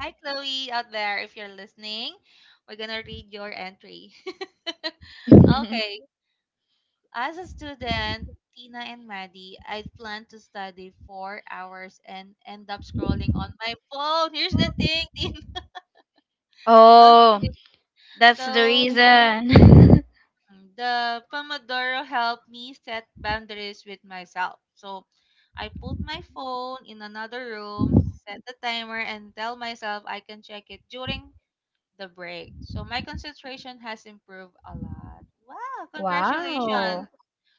[SPEAKER 1] Hi, Chloe out there. If you're listening, we're gonna read your entry. Okay. As a student, Tina and Maddie, I'd plan to study 4 hours and end up scrolling on my phone. Here's the thing, Tina.
[SPEAKER 2] Oh,
[SPEAKER 1] Okay.
[SPEAKER 2] that's the
[SPEAKER 1] So
[SPEAKER 2] reason.
[SPEAKER 1] mm, the Pomodoro helped me set boundaries with myself. So I put my phone in another room, set the timer, and tell myself I can check it during the break. So my concentration has improved a lot. Wow, congratulations,
[SPEAKER 2] Wow.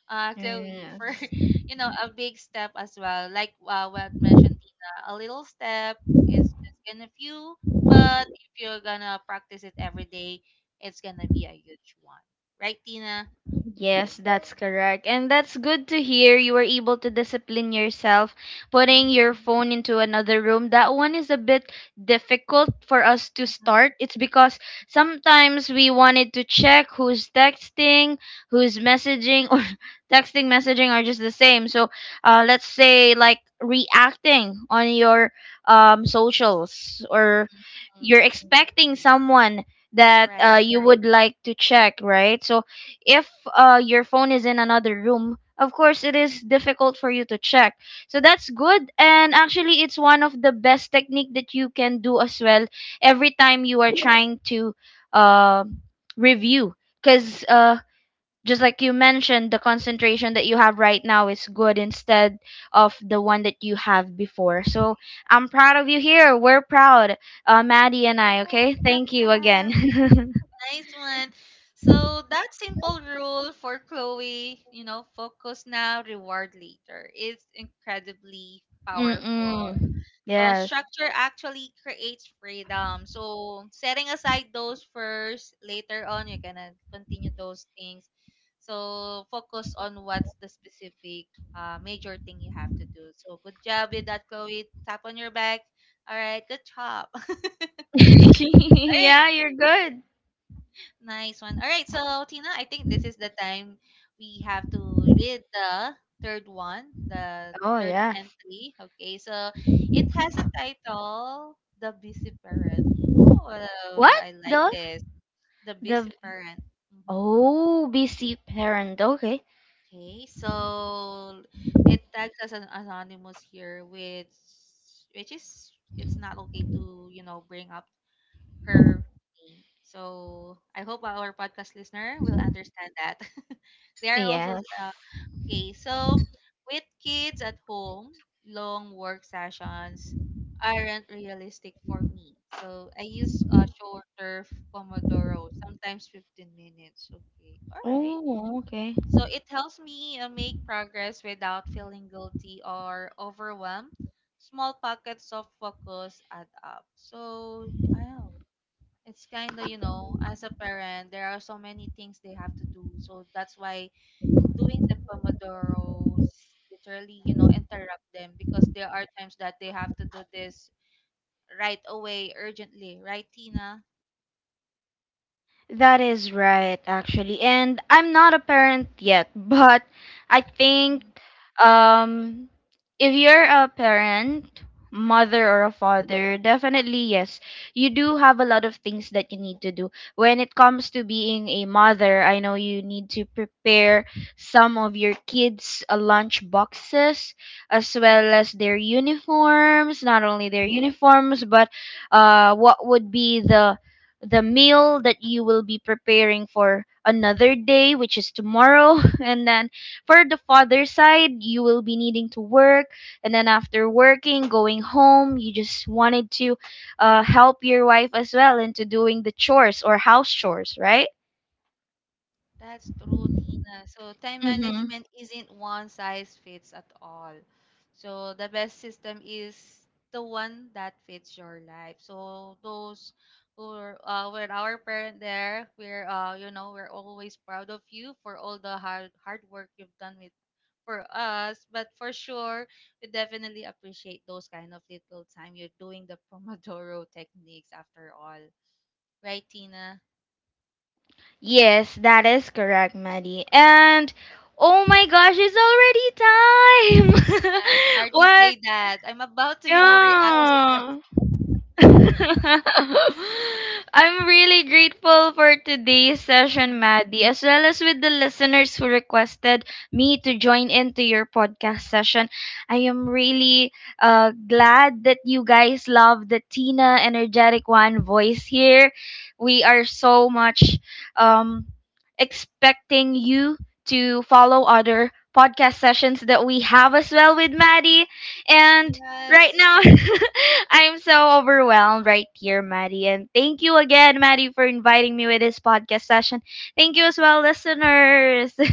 [SPEAKER 1] Chloe,
[SPEAKER 2] 嗯。
[SPEAKER 1] for you know a big step as well. Like, what mentioned Tina, a little step is just gonna few, but if you're gonna practice it every day, it's gonna be a huge one, right, Tina?
[SPEAKER 2] Yes, that's correct. And that's good to hear you were able to discipline yourself putting
[SPEAKER 1] Mhm.
[SPEAKER 2] your phone into another room. That one is a bit difficult for us to start. It's because sometimes we wanted to check who's texting, who's messaging, or texting, messaging are just the same. So, let's say, like, reacting on your socials, or you're expecting someone
[SPEAKER 1] That's
[SPEAKER 2] that
[SPEAKER 1] right.
[SPEAKER 2] you would like to check, right? So if your phone is in another room, of course it is difficult for you to check. So that's good, and actually it's one of the best technique that you can do as well every time you are trying to uh, review, cuz just like you mentioned, the concentration that you have right now is good instead of the one that you have before. So I'm proud of you here. We're proud. Maddie and I,
[SPEAKER 1] Yes,
[SPEAKER 2] okay?
[SPEAKER 1] clap,
[SPEAKER 2] Thank you again.
[SPEAKER 1] clap. Nice one. So that simple rule for Chloe, you know, focus now, reward later, is incredibly powerful.
[SPEAKER 2] Mm-mm.
[SPEAKER 1] So
[SPEAKER 2] Yes.
[SPEAKER 1] structure actually creates freedom. So setting aside those first, later on you're gonna continue those things. So focus on what's the specific major thing you have to do. So good job with that, Chloe. Tap on your back. All right, good job. All right.
[SPEAKER 2] Yeah, you're good.
[SPEAKER 1] Nice one. All right, so Tina, I think this is the time we have to read the
[SPEAKER 2] Oh,
[SPEAKER 1] third
[SPEAKER 2] yes.
[SPEAKER 1] entry. Okay, so it has a title, The Busy Parent.
[SPEAKER 2] What?
[SPEAKER 1] Oh, I like
[SPEAKER 2] The
[SPEAKER 1] this. The Busy
[SPEAKER 2] the
[SPEAKER 1] Parent. Hmm.
[SPEAKER 2] Oh, busy parent. Okay.
[SPEAKER 1] Okay, so it tags as an anonymous here, which is it's not okay to, you know, bring up her pain. So I hope our podcast listener will understand that. They are also
[SPEAKER 2] Yes.
[SPEAKER 1] okay. So with kids at home, long work sessions aren't realistic for me. So I use a shorter Pomodoro, sometimes 15 minutes. Okay, all right.
[SPEAKER 2] Oh, okay.
[SPEAKER 1] So it helps me make progress without feeling guilty or overwhelmed. Small pockets of focus add up. So, yeah. It's kind of, you know, as a parent, there are so many things they have to do. So that's why doing the Pomodoros literally, you know, interrupt them because there are times that they have to do this right away, urgently, right, Tina?
[SPEAKER 2] That is right, actually. And I'm not a parent yet, but I think,
[SPEAKER 1] Mm-hmm.
[SPEAKER 2] Um, if you're a parent, mother or a father, definitely yes. You do have a lot of things that you need to do. When it comes to being a mother, I know you need to prepare some of your kids' lunch boxes as well as their uniforms, not only their uniforms, but what would be the meal that you will be preparing for another day, which is tomorrow, and then for the father side, you will be needing to work, and then after working, going home, you just wanted to help your wife as well into doing the chores or house chores, right?
[SPEAKER 1] That's true, Tina. So time
[SPEAKER 2] Mm-hmm.
[SPEAKER 1] management isn't one size fits at all. So the best system is the one that fits your life. So those who are, were our parent there, we're you know, we're always proud of you for all the hard work you've done with for us. But for sure, we definitely appreciate those kind of little time you're doing the Pomodoro techniques after all. Right, Tina?
[SPEAKER 2] Yes, that is correct, Maddie. And oh my gosh, it's already time.
[SPEAKER 1] It's hard to
[SPEAKER 2] What?
[SPEAKER 1] say that. I'm about to, you know, react as.
[SPEAKER 2] Yeah. I'm really grateful for today's session,
[SPEAKER 1] Mhm.
[SPEAKER 2] Maddie, as well as with the listeners who requested me to join into your podcast session. I am really glad that you guys love the Tina Energetic One voice here. We are so much, um, expecting you to follow other podcast sessions that we have as well with Maddie. And right
[SPEAKER 1] Yes.
[SPEAKER 2] now, I'm so overwhelmed right here, Maddie. And thank you again, Maddie, for inviting me with this podcast session. Thank you as well, listeners.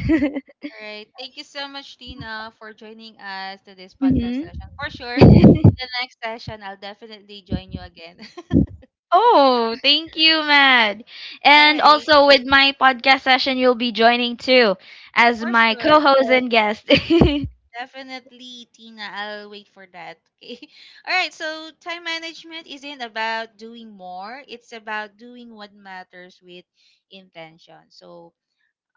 [SPEAKER 1] All right. Thank you so much, Tina, for joining us to this podcast session.
[SPEAKER 2] Hmm.
[SPEAKER 1] For sure, in the next session, I'll definitely join you again.
[SPEAKER 2] Oh, thank you, Mad.
[SPEAKER 1] All
[SPEAKER 2] And
[SPEAKER 1] right.
[SPEAKER 2] also with my podcast session, you'll be joining too as
[SPEAKER 1] For
[SPEAKER 2] my co
[SPEAKER 1] sure.
[SPEAKER 2] host and guest.
[SPEAKER 1] Definitely, Tina. I'll wait for that. Okay. All right. So, time management isn't about doing more, it's about doing what matters with intention. So,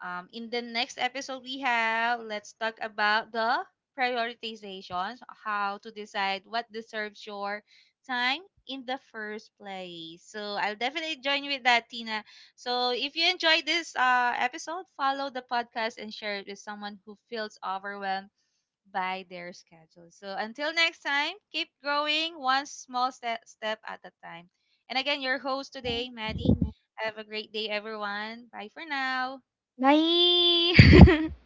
[SPEAKER 1] um, in the next episode, we have, let's talk about the prioritizations, how to decide what deserves your time in the first place. So I'll definitely join you with that, Tina. So if you enjoyed this episode, follow the podcast and share it with someone who feels overwhelmed by their schedule. So until next time, keep growing one small step at a time. And again, your host today, Maddie. Have a great day, everyone. Bye for now.
[SPEAKER 2] Bye.